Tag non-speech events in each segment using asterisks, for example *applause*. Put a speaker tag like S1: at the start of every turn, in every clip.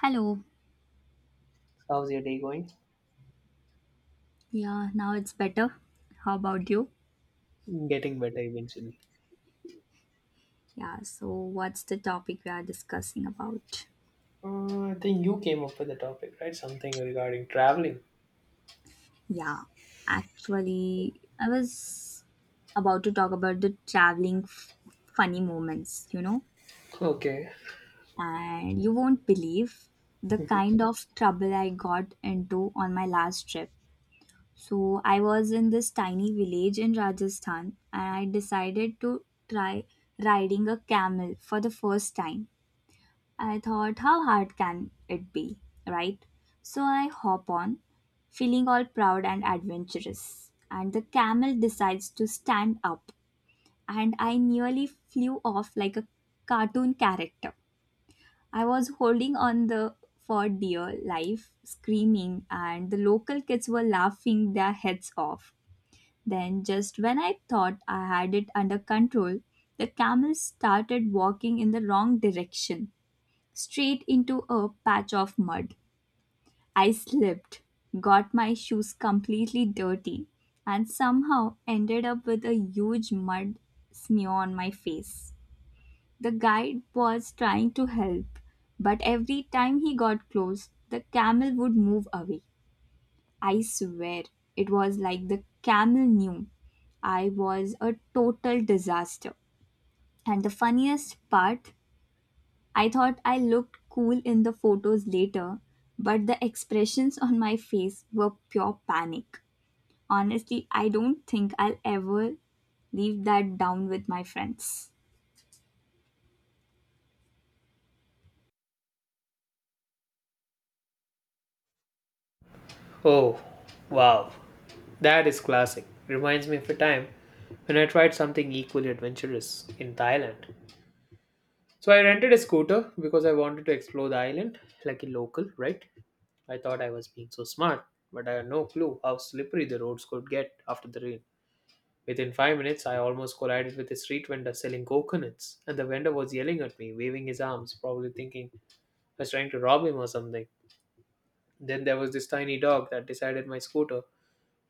S1: Hello.
S2: How's your day going?
S1: Yeah, now it's better. How about you?
S2: Getting better eventually.
S1: Yeah, so what's the topic we are discussing about?
S2: I think you came up with the topic, right? Something regarding traveling.
S1: Yeah, actually, I was about to talk about the traveling funny moments, you know?
S2: Okay.
S1: And you won't believe the kind of trouble I got into on my last trip. So, I was in this tiny village in Rajasthan and I decided to try riding a camel for the first time. I thought, how hard can it be, right? So I hop on, feeling all proud and adventurous. And the camel decides to stand up, and I nearly flew off like a cartoon character. I was holding on the for dear life, screaming, and the local kids were laughing their heads off. Then, just when I thought I had it under control, the camel started walking in the wrong direction straight into a patch of mud. I slipped, got my shoes completely dirty, and somehow ended up with a huge mud smear on my face. The guide was trying to help, but every time he got close, the camel would move away. I swear, it was like the camel knew I was a total disaster. And the funniest part, I thought I looked cool in the photos later, but the expressions on my face were pure panic. Honestly, I don't think I'll ever leave that down with my friends.
S2: Oh, wow. That is classic. Reminds me of a time when I tried something equally adventurous in Thailand. So I rented a scooter because I wanted to explore the island like a local, right? I thought I was being so smart, but I had no clue how slippery the roads could get after the rain. Within 5 minutes, I almost collided with a street vendor selling coconuts, and the vendor was yelling at me, waving his arms, probably thinking I was trying to rob him or something. Then there was this tiny dog that decided my scooter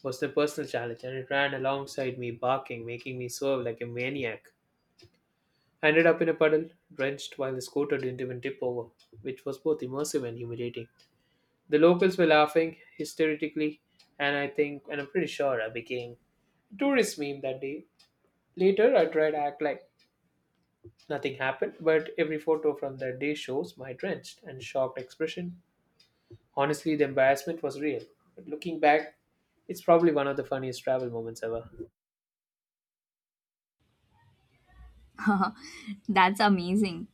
S2: was the personal challenge, and it ran alongside me, barking, making me swerve like a maniac. I ended up in a puddle, drenched, while the scooter didn't even tip over, which was both immersive and humiliating. The locals were laughing hysterically, and I'm pretty sure I became a tourist meme that day. Later, I tried to act like nothing happened, but every photo from that day shows my drenched and shocked expression. Honestly, the embarrassment was real. But looking back, it's probably one of the funniest travel moments ever.
S1: *laughs* That's amazing.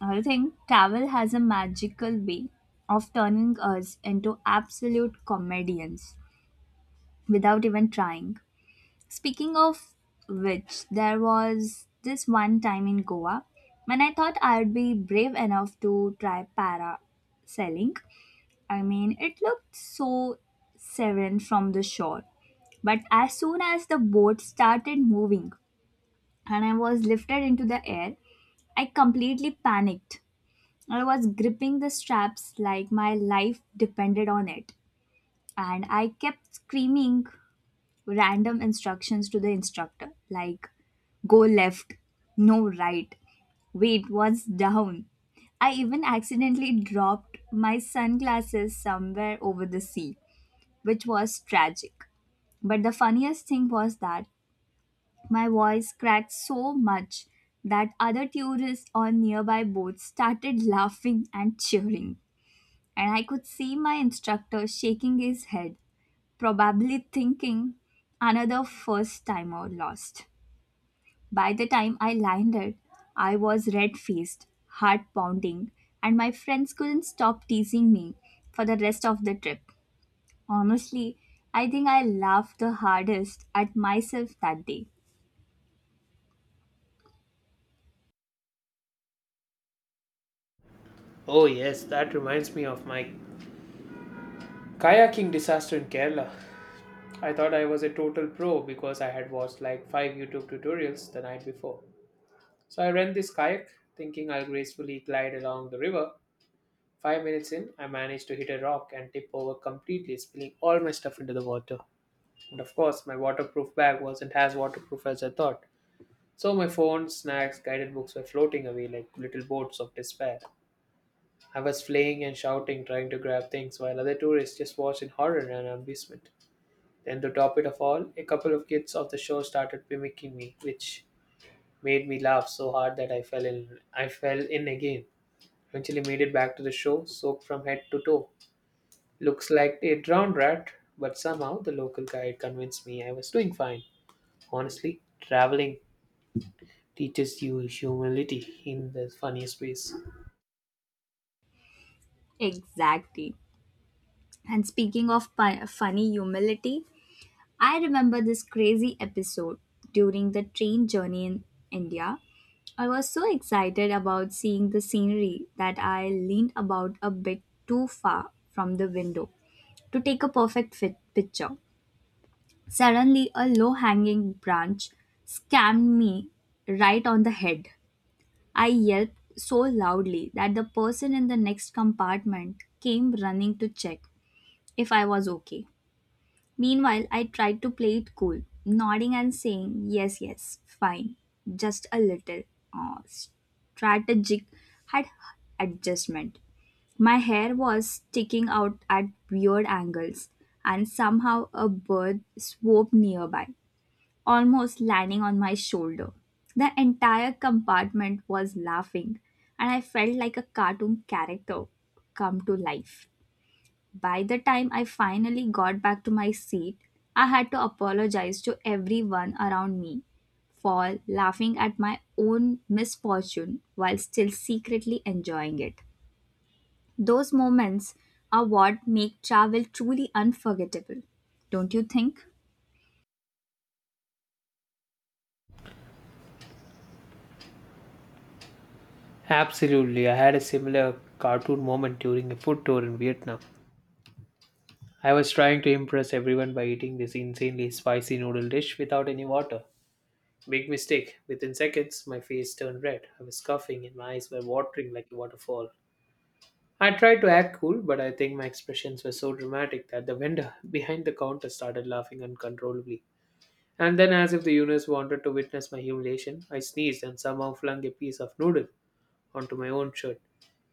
S1: I think travel has a magical way of turning us into absolute comedians without even trying. Speaking of which, there was this one time in Goa when I thought I'd be brave enough to try parasailing. I mean, it looked so serene from the shore. But as soon as the boat started moving and I was lifted into the air, I completely panicked. I was gripping the straps like my life depended on it. And I kept screaming random instructions to the instructor like go left, no right, wait, what's down? I even accidentally dropped my sunglasses somewhere over the sea, which was tragic. But the funniest thing was that my voice cracked so much that other tourists on nearby boats started laughing and cheering. And I could see my instructor shaking his head, probably thinking another first timer lost. By the time I landed, I was red faced, heart pounding, and my friends couldn't stop teasing me for the rest of the trip. Honestly, I think I laughed the hardest at myself that day.
S2: Oh, yes, that reminds me of my kayaking disaster in Kerala. I thought I was a total pro because I had watched like five YouTube tutorials the night before. So I rent this kayak, thinking I'll gracefully glide along the river. 5 minutes in, I managed to hit a rock and tip over completely, spilling all my stuff into the water. And of course, my waterproof bag wasn't as waterproof as I thought. So my phone, snacks, guided books were floating away like little boats of despair. I was fleeing and shouting, trying to grab things, while other tourists just watched in horror and amusement. Then, to top it of all, a couple of kids of the show started mimicking me, which made me laugh so hard that I fell in again. Eventually, made it back to the show, soaked from head to toe. Looks like a drowned rat, but somehow the local guide convinced me I was doing fine. Honestly, traveling teaches you humility in the funniest ways.
S1: Exactly. And speaking of funny humility, I remember this crazy episode during the train journey in India. I was so excited about seeing the scenery that I leaned about a bit too far from the window to take a perfect fit picture. Suddenly, a low hanging branch scammed me right on the head. I yelped so loudly that the person in the next compartment came running to check if I was okay. Meanwhile, I tried to play it cool, nodding and saying, "Yes, yes, fine, just a little strategic had adjustment." My hair was sticking out at weird angles, and somehow a bird swooped nearby, almost landing on my shoulder. The entire compartment was laughing, and I felt like a cartoon character come to life. By the time I finally got back to my seat, I had to apologize to everyone around me for laughing at my own misfortune while still secretly enjoying it. Those moments are what make travel truly unforgettable, don't you think?
S2: Absolutely, I had a similar cartoon moment during a food tour in Vietnam. I was trying to impress everyone by eating this insanely spicy noodle dish without any water. Big mistake. Within seconds, my face turned red. I was coughing and my eyes were watering like a waterfall. I tried to act cool, but I think my expressions were so dramatic that the vendor *laughs* behind the counter started laughing uncontrollably. And then, as if the universe wanted to witness my humiliation, I sneezed and somehow flung a piece of noodle onto my own shirt.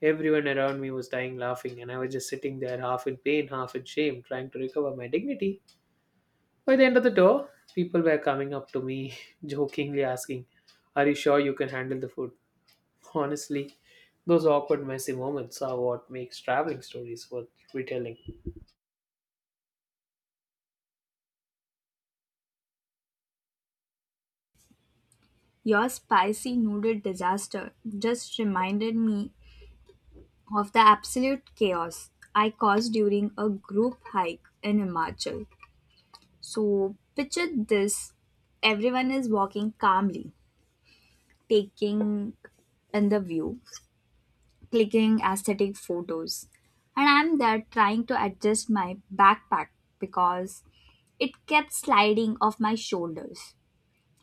S2: Everyone around me was dying laughing, and I was just sitting there, half in pain, half in shame, trying to recover my dignity. By the end of the door, people were coming up to me, *laughs* jokingly asking, "Are you sure you can handle the food?" Honestly, those awkward, messy moments are what makes traveling stories worth retelling.
S1: Your spicy noodle disaster just reminded me of the absolute chaos I caused during a group hike in Himachal. So picture this, everyone is walking calmly, taking in the view, clicking aesthetic photos. And I'm there trying to adjust my backpack because it kept sliding off my shoulders.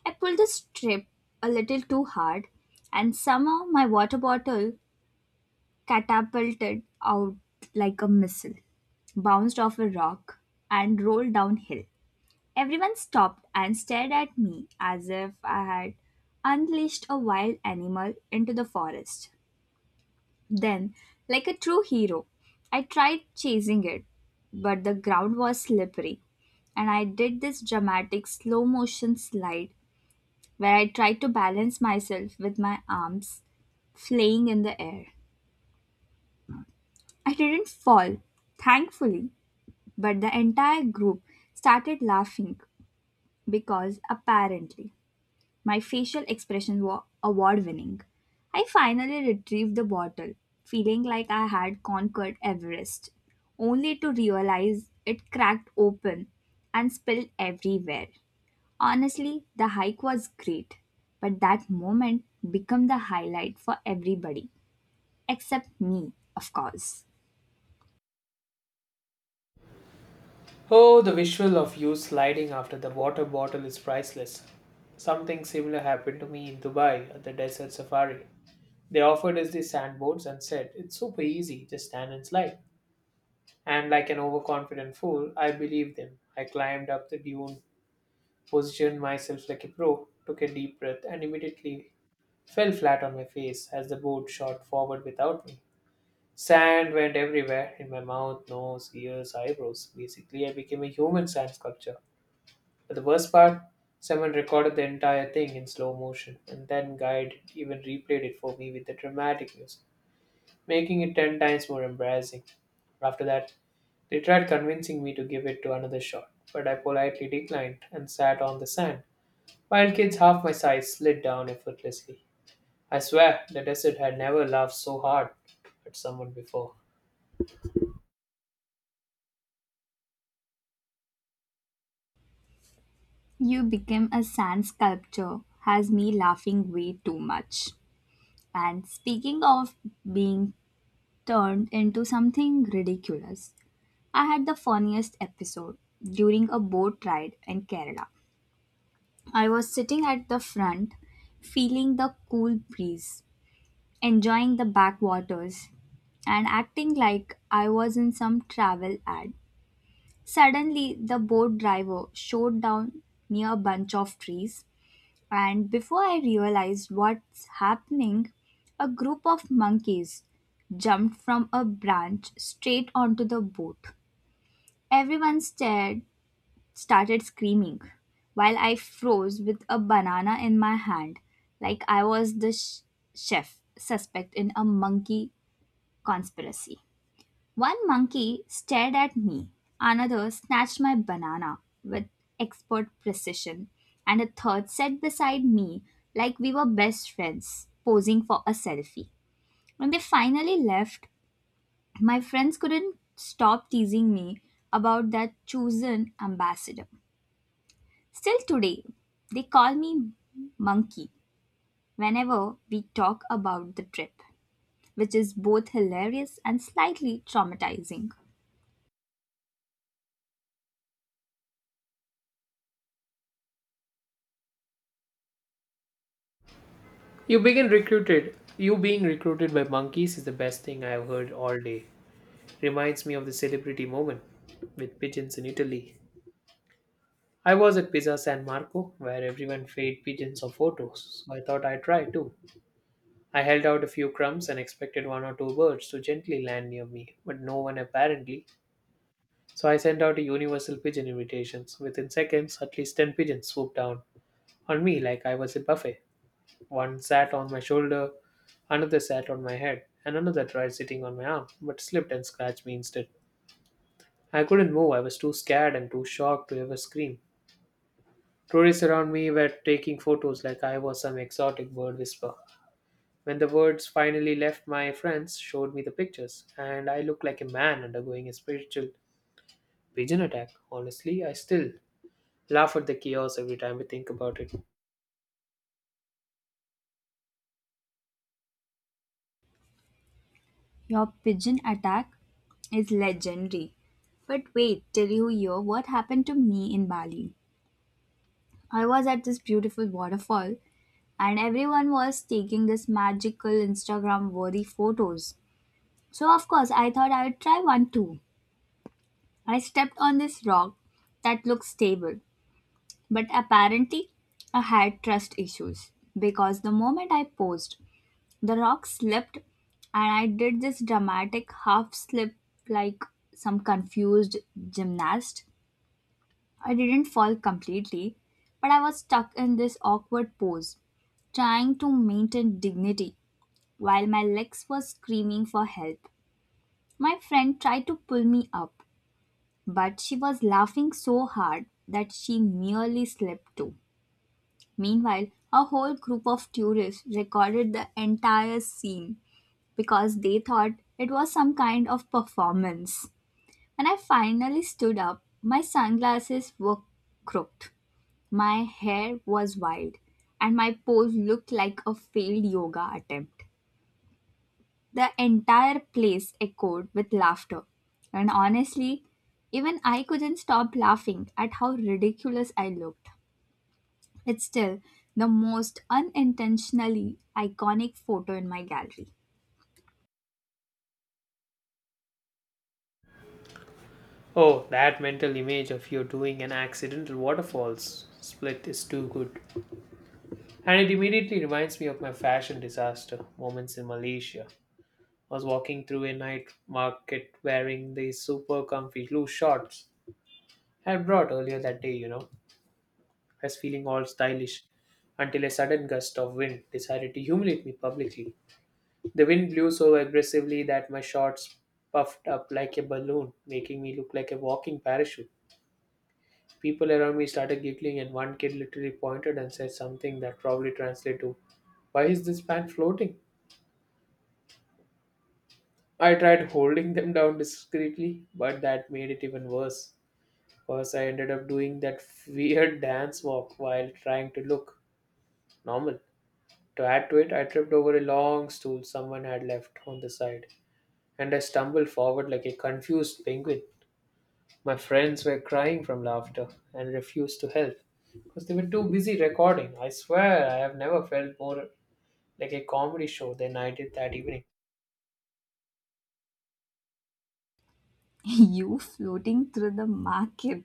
S1: I pulled the strip a little too hard, and somehow my water bottle catapulted out like a missile, bounced off a rock, and rolled downhill. Everyone stopped and stared at me as if I had unleashed a wild animal into the forest. Then, like a true hero, I tried chasing it, but the ground was slippery, and I did this dramatic slow motion slide where I tried to balance myself with my arms flaying in the air. I didn't fall, thankfully, but the entire group started laughing because apparently my facial expression were award winning. I finally retrieved the bottle, feeling like I had conquered Everest, only to realize it cracked open and spilled everywhere. Honestly, the hike was great, but that moment became the highlight for everybody, except me, of course.
S2: Oh, the visual of you sliding after the water bottle is priceless. Something similar happened to me in Dubai at the desert safari. They offered us the sandboards and said, "It's super easy, just stand and slide." And like an overconfident fool, I believed them. I climbed up the dune, positioned myself like a pro, took a deep breath, and immediately fell flat on my face as the board shot forward without me. Sand went everywhere in my mouth, nose, ears, eyebrows. Basically, I became a human sand sculpture. But the worst part, someone recorded the entire thing in slow motion and then Guide even replayed it for me with the dramatic music, making it 10 times more embarrassing. After that, they tried convincing me to give it to another shot, but I politely declined and sat on the sand, while kids half my size slid down effortlessly. I swear the desert had never laughed so hard at someone before.
S1: You became a sand sculpture, has me laughing way too much. And speaking of being turned into something ridiculous. I had the funniest episode during a boat ride in Kerala. I was sitting at the front, feeling the cool breeze, enjoying the backwaters, and acting like I was in some travel ad. Suddenly, the boat driver showed down near a bunch of trees and before I realized what's happening, a group of monkeys jumped from a branch straight onto the boat. Everyone stared, started screaming, while I froze with a banana in my hand, like I was the chef suspect in a monkey conspiracy. One monkey stared at me, another snatched my banana with expert precision, and a third sat beside me like we were best friends, posing for a selfie. When they finally left, my friends couldn't stop teasing me about that chosen ambassador. Still today, they call me monkey whenever we talk about the trip, which is both hilarious and slightly traumatizing.
S2: You being recruited by monkeys is the best thing I have heard all day. Reminds me of the celebrity moment with pigeons in Italy. I was at Pizza San Marco where everyone fed pigeons for photos, so I thought I'd try too. I held out a few crumbs and expected one or two birds to gently land near me, but no one apparently. So I sent out a universal pigeon invitation. So within seconds, at least 10 pigeons swooped down on me like I was a buffet. One sat on my shoulder, another sat on my head, and another tried sitting on my arm, but slipped and scratched me instead. I couldn't move. I was too scared and too shocked to ever scream. Tourists around me were taking photos like I was some exotic bird whisperer. When the words finally left, my friends showed me the pictures, and I looked like a man undergoing a spiritual pigeon attack. Honestly, I still laugh at the chaos every time I think about it.
S1: Your pigeon attack is legendary. But wait till you hear what happened to me in Bali. I was at this beautiful waterfall and everyone was taking this magical Instagram worthy photos. So, of course, I thought I would try one too. I stepped on this rock that looked stable, but apparently I had trust issues because the moment I posed, the rock slipped, and I did this dramatic half slip like some confused gymnast. I didn't fall completely, but I was stuck in this awkward pose, trying to maintain dignity while my legs were screaming for help. My friend tried to pull me up, but she was laughing so hard that she nearly slipped too. Meanwhile, a whole group of tourists recorded the entire scene because they thought it was some kind of performance. When I finally stood up, my sunglasses were crooked, my hair was wild, and my pose looked like a failed yoga attempt. The entire place echoed with laughter, and honestly, even I couldn't stop laughing at how ridiculous I looked. It's still the most unintentionally iconic photo in my gallery.
S2: Oh, that mental image of you doing an accidental waterfalls split is too good. And it immediately reminds me of my fashion disaster moments in Malaysia. Was walking through a night market wearing these super comfy blue shorts I had brought earlier that day. I was feeling all stylish until a sudden gust of wind decided to humiliate me publicly. The wind blew so aggressively that my shorts puffed up like a balloon, making me look like a walking parachute. People around me started giggling, and one kid literally pointed and said something that probably translated to, "Why is this pant floating?" I tried holding them down discreetly, but that made it even worse. First, I ended up doing that *laughs* weird dance walk while trying to look normal. To add to it, I tripped over a long stool someone had left on the side, and I stumbled forward like a confused penguin. My friends were crying from laughter and refused to help because they were too busy recording. I swear, I have never felt more like a comedy show than I did that evening.
S1: *laughs* You floating through the market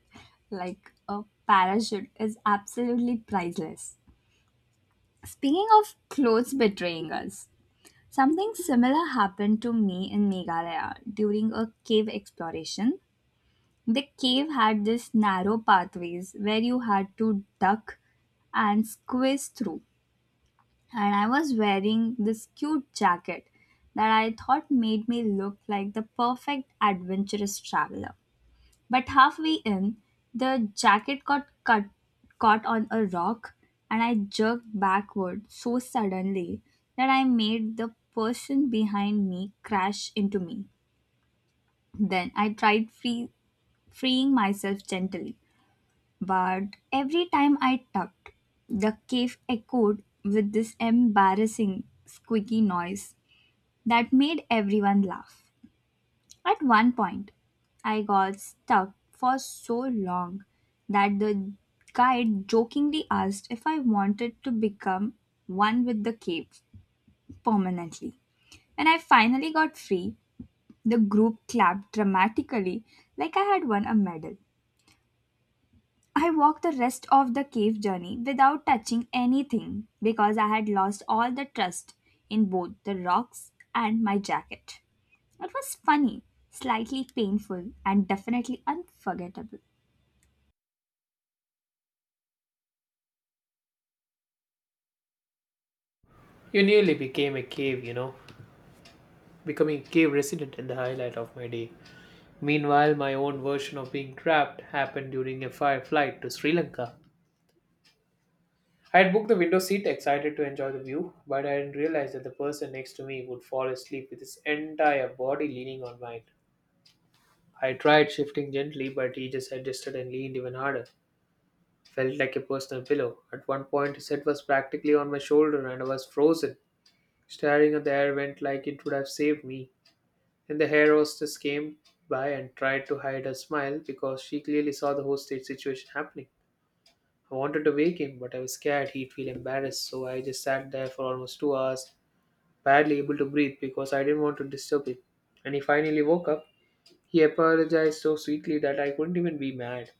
S1: like a parachute is absolutely priceless. Speaking of clothes betraying us, something similar happened to me in Meghalaya during a cave exploration. The cave had this narrow pathways where you had to duck and squeeze through. And I was wearing this cute jacket that I thought made me look like the perfect adventurous traveler. But halfway in, the jacket got caught on a rock, and I jerked backward so suddenly that I made the person behind me crash into me. Then I tried freeing myself gently, but every time I tugged, the cave echoed with this embarrassing squeaky noise that made everyone laugh. At one point, I got stuck for so long that the guide jokingly asked if I wanted to become one with the cave permanently. When I finally got free, the group clapped dramatically like I had won a medal. I walked the rest of the cave journey without touching anything because I had lost all the trust in both the rocks and my jacket. It was funny, slightly painful, and definitely unforgettable.
S2: You nearly became a cave. Becoming a cave resident in the highlight of my day. Meanwhile, my own version of being trapped happened during a fire flight to Sri Lanka. I had booked the window seat, excited to enjoy the view, but I didn't realize that the person next to me would fall asleep with his entire body leaning on mine. I tried shifting gently, but he just adjusted and leaned even harder. Felt like a personal pillow. At one point, his head was practically on my shoulder, and I was frozen. Staring at the air went like it would have saved me. Then the hair hostess came by and tried to hide her smile because she clearly saw the whole state situation happening. I wanted to wake him, but I was scared he'd feel embarrassed, so I just sat there for almost 2 hours, barely able to breathe because I didn't want to disturb him. When he finally woke up, he apologized so sweetly that I couldn't even be mad.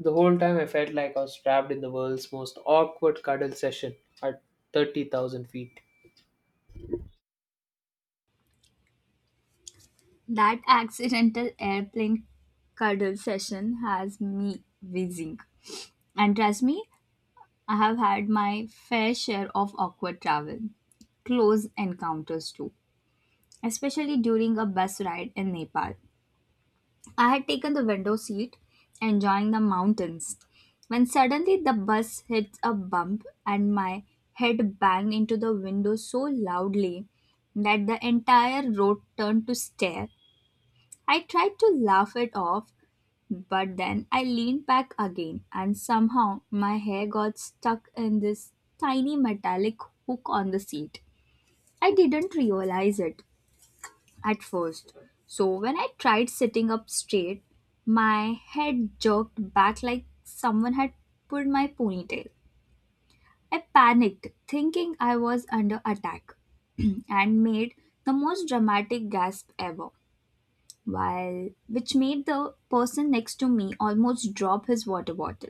S2: The whole time I felt like I was trapped in the world's most awkward cuddle session at 30,000 feet.
S1: That accidental airplane cuddle session has me whizzing. And trust me, I have had my fair share of awkward travel, close encounters too, especially during a bus ride in Nepal. I had taken the window seat, enjoying the mountains, when suddenly the bus hit a bump and my head banged into the window so loudly that the entire road turned to stare. I tried to laugh it off, but then I leaned back again, and somehow my hair got stuck in this tiny metallic hook on the seat. I didn't realize it, at first. So when I tried sitting up straight, my head jerked back like someone had pulled my ponytail. I panicked, thinking I was under attack, *clears throat* and made the most dramatic gasp ever, while which made the person next to me almost drop his water bottle.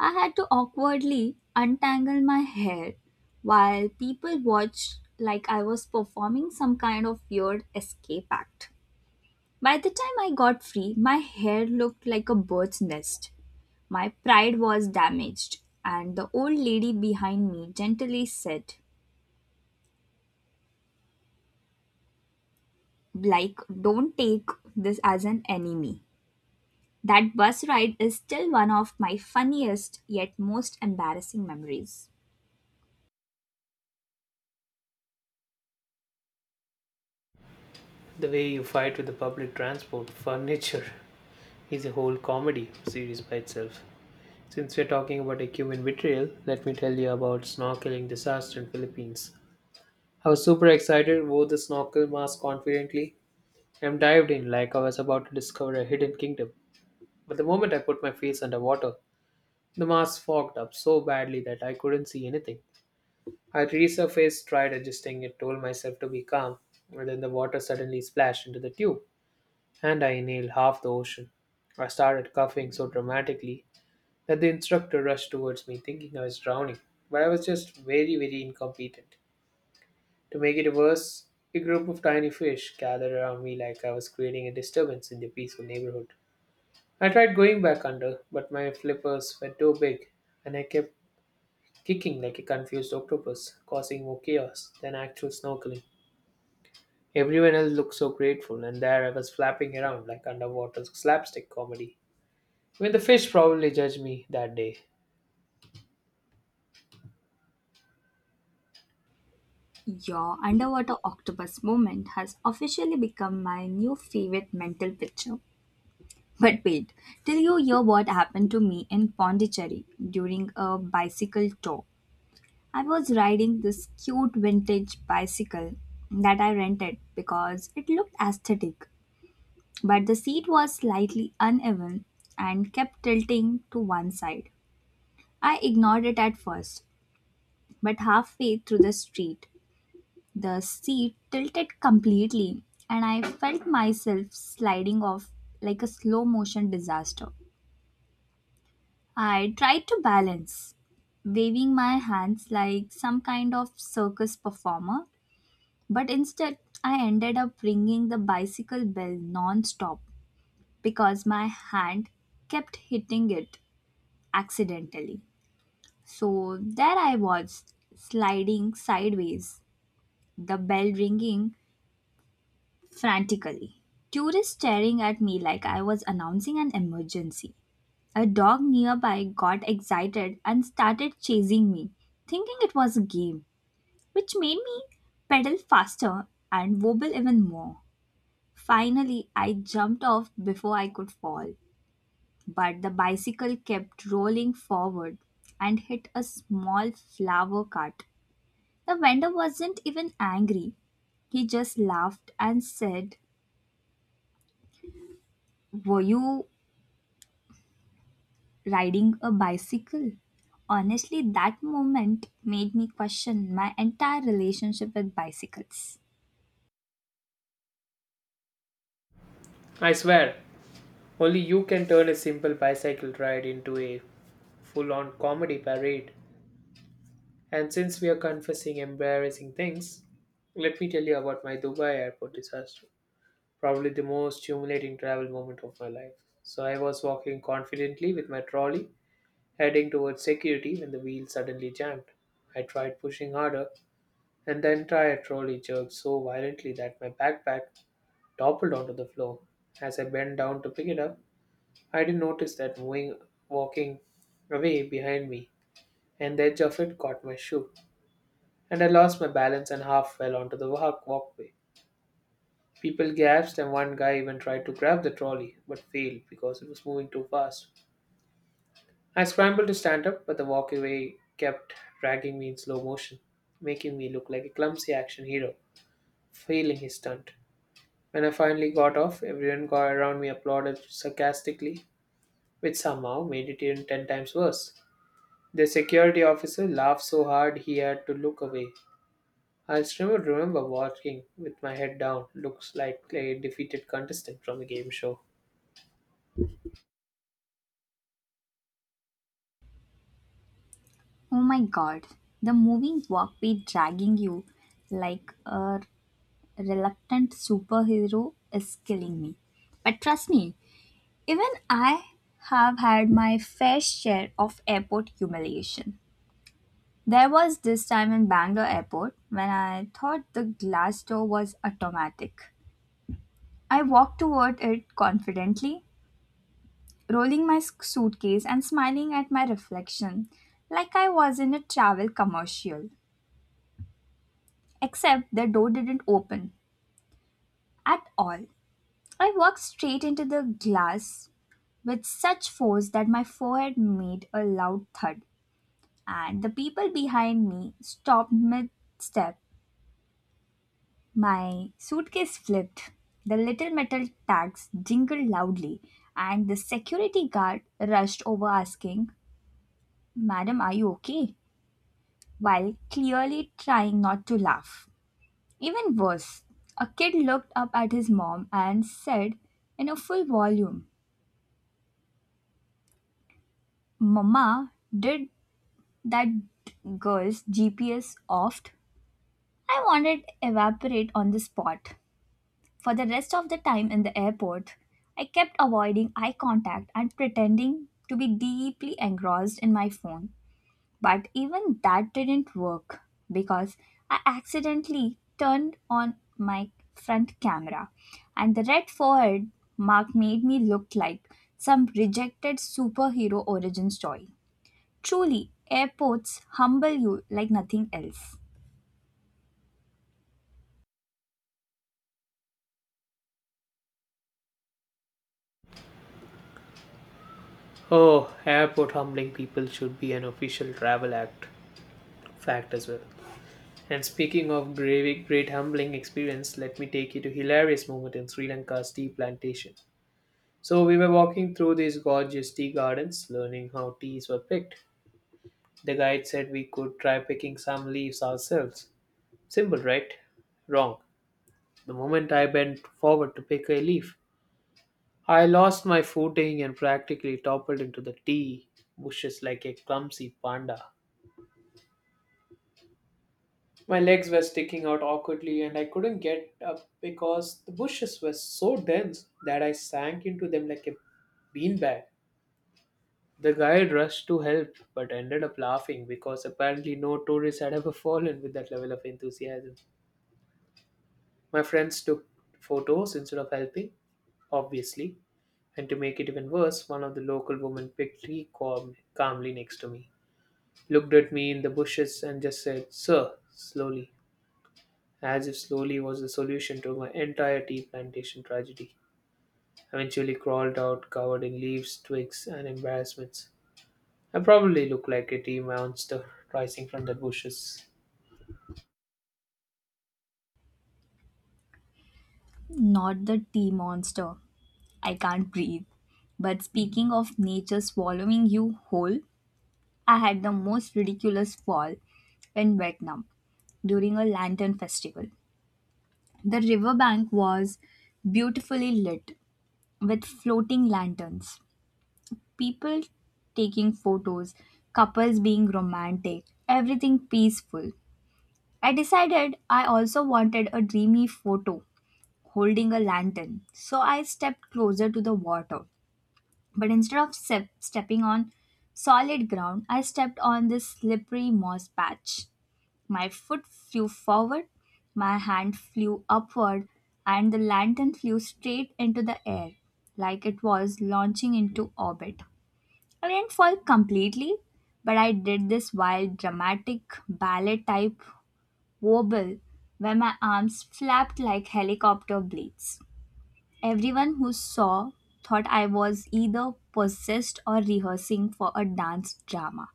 S1: I had to awkwardly untangle my hair while people watched like I was performing some kind of weird escape act. By the time I got free, my hair looked like a bird's nest. My pride was damaged, and the old lady behind me gently said, like, don't take this as an enemy. That bus ride is still one of my funniest yet most embarrassing memories.
S2: The way you fight with the public transport, furniture, *laughs* is a whole comedy series by itself. Since we're talking about a Cuban betrayal, let me tell you about snorkeling disaster in Philippines. I was super excited, wore the snorkel mask confidently, and dived in like I was about to discover a hidden kingdom. But the moment I put my face underwater, the mask fogged up so badly that I couldn't see anything. I resurfaced, tried adjusting it, told myself to be calm, and then the water suddenly splashed into the tube, and I inhaled half the ocean. I started coughing so dramatically that the instructor rushed towards me, thinking I was drowning, but I was just very, very incompetent. To make it worse, a group of tiny fish gathered around me like I was creating a disturbance in their peaceful neighborhood. I tried going back under, but my flippers were too big and I kept kicking like a confused octopus, causing more chaos than actual snorkeling. Everyone else looked so grateful, and there I was flapping around like underwater slapstick comedy. Even the fish probably judged me that day.
S1: Your underwater octopus moment has officially become my new favorite mental picture. But wait, till you hear what happened to me in Pondicherry during a bicycle tour. I was riding this cute vintage bicycle that I rented because it looked aesthetic, but the seat was slightly uneven and kept tilting to one side. I ignored it at first, but halfway through the street, the seat tilted completely and I felt myself sliding off like a slow motion disaster. I tried to balance, waving my hands like some kind of circus performer. But instead, I ended up ringing the bicycle bell non stop because my hand kept hitting it accidentally. So there I was, sliding sideways, the bell ringing frantically. Tourists staring at me like I was announcing an emergency. A dog nearby got excited and started chasing me, thinking it was a game, which made me pedal faster and wobble even more. Finally, I jumped off before I could fall, but the bicycle kept rolling forward and hit a small flower cart. The vendor wasn't even angry. He just laughed and said, "Were you riding a bicycle?" Honestly, that moment made me question my entire relationship with bicycles.
S2: I swear, only you can turn a simple bicycle ride into a full on comedy parade. And since we are confessing embarrassing things, let me tell you about my Dubai airport disaster. Probably the most humiliating travel moment of my life. So I was walking confidently with my trolley, heading towards security when the wheel suddenly jammed. I tried pushing harder, and the entire trolley jerked so violently that my backpack toppled onto the floor. As I bent down to pick it up, I didn't notice that moving walking away behind me, and the edge of it caught my shoe. And I lost my balance and half fell onto the walkway. People gasped, and one guy even tried to grab the trolley but failed because it was moving too fast. I scrambled to stand up, but the walkway kept dragging me in slow motion, making me look like a clumsy action hero, failing his stunt. When I finally got off, everyone got around me applauded sarcastically, which somehow made it even ten times worse. The security officer laughed so hard he had to look away, I still remember walking with my head down, looks like a defeated contestant from a game show.
S1: Oh my god, the moving walkway dragging you like a reluctant superhero is killing me. But trust me, even I have had my fair share of airport humiliation. There was this time in Bangalore airport when I thought the glass door was automatic. I walked toward it confidently, rolling my suitcase and smiling at my reflection like I was in a travel commercial. Except the door didn't open at all. I walked straight into the glass with such force that my forehead made a loud thud, and the people behind me stopped mid step. My suitcase flipped, the little metal tags jingled loudly, and the security guard rushed over asking, "Madam, are you okay?" while clearly trying not to laugh. Even worse, a kid looked up at his mom and said in a full volume, "Mama, did that girl's GPS off?" I wanted evaporate on the spot. For the rest of the time in the airport, I kept avoiding eye contact and pretending to be deeply engrossed in my phone. But even that didn't work because I accidentally turned on my front camera, and the red forehead mark made me look like some rejected superhero origin story. Truly, airports humble you like nothing else.
S2: Oh, airport humbling people should be an official travel act fact as well. And speaking of great humbling experience, let me take you to hilarious moment in Sri Lanka's tea plantation. So we were walking through these gorgeous tea gardens, learning how teas were picked. The guide said we could try picking some leaves ourselves. Simple, right? Wrong. The moment I bent forward to pick a leaf, I lost my footing and practically toppled into the tea bushes like a clumsy panda. My legs were sticking out awkwardly and I couldn't get up because the bushes were so dense that I sank into them like a beanbag. The guide rushed to help but ended up laughing because apparently no tourist had ever *laughs* fallen with that level of enthusiasm. My friends took photos instead of helping, obviously, and to make it even worse, one of the local women picked tea calmly next to me. Looked at me in the bushes and just said, "Sir, slowly," as if slowly was the solution to my entire tea plantation tragedy. I eventually crawled out covered in leaves, twigs, and embarrassments. I probably looked like a tea monster rising from the bushes.
S1: Not the tea monster. I can't breathe. But speaking of nature swallowing you whole, I had the most ridiculous fall in Vietnam during a lantern festival. The riverbank was beautifully lit with floating lanterns, people taking photos, couples being romantic, everything peaceful. I decided I also wanted a dreamy photo holding a lantern. So I stepped closer to the water. But instead of stepping on solid ground, I stepped on this slippery moss patch. My foot flew forward, my hand flew upward, and the lantern flew straight into the air like it was launching into orbit. I didn't fall completely, but I did this wild, dramatic ballet type wobble where my arms flapped like helicopter blades. Everyone who saw thought I was either possessed or rehearsing for a dance drama.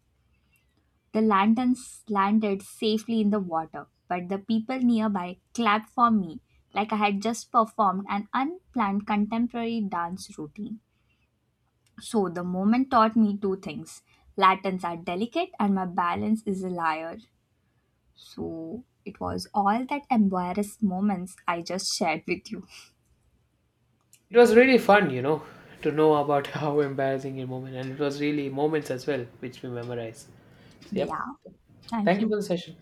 S1: The lanterns landed safely in the water, but the people nearby clapped for me like I had just performed an unplanned contemporary dance routine. So the moment taught me two things: lanterns are delicate, and my balance is a liar. So it was all that embarrassed moments I just shared with you.
S2: It was really fun, to know about *laughs* how embarrassing a moment, and it was really moments as well, which we memorize. So, yep.
S1: Yeah, thank
S2: Thank you
S1: you.
S2: for the session.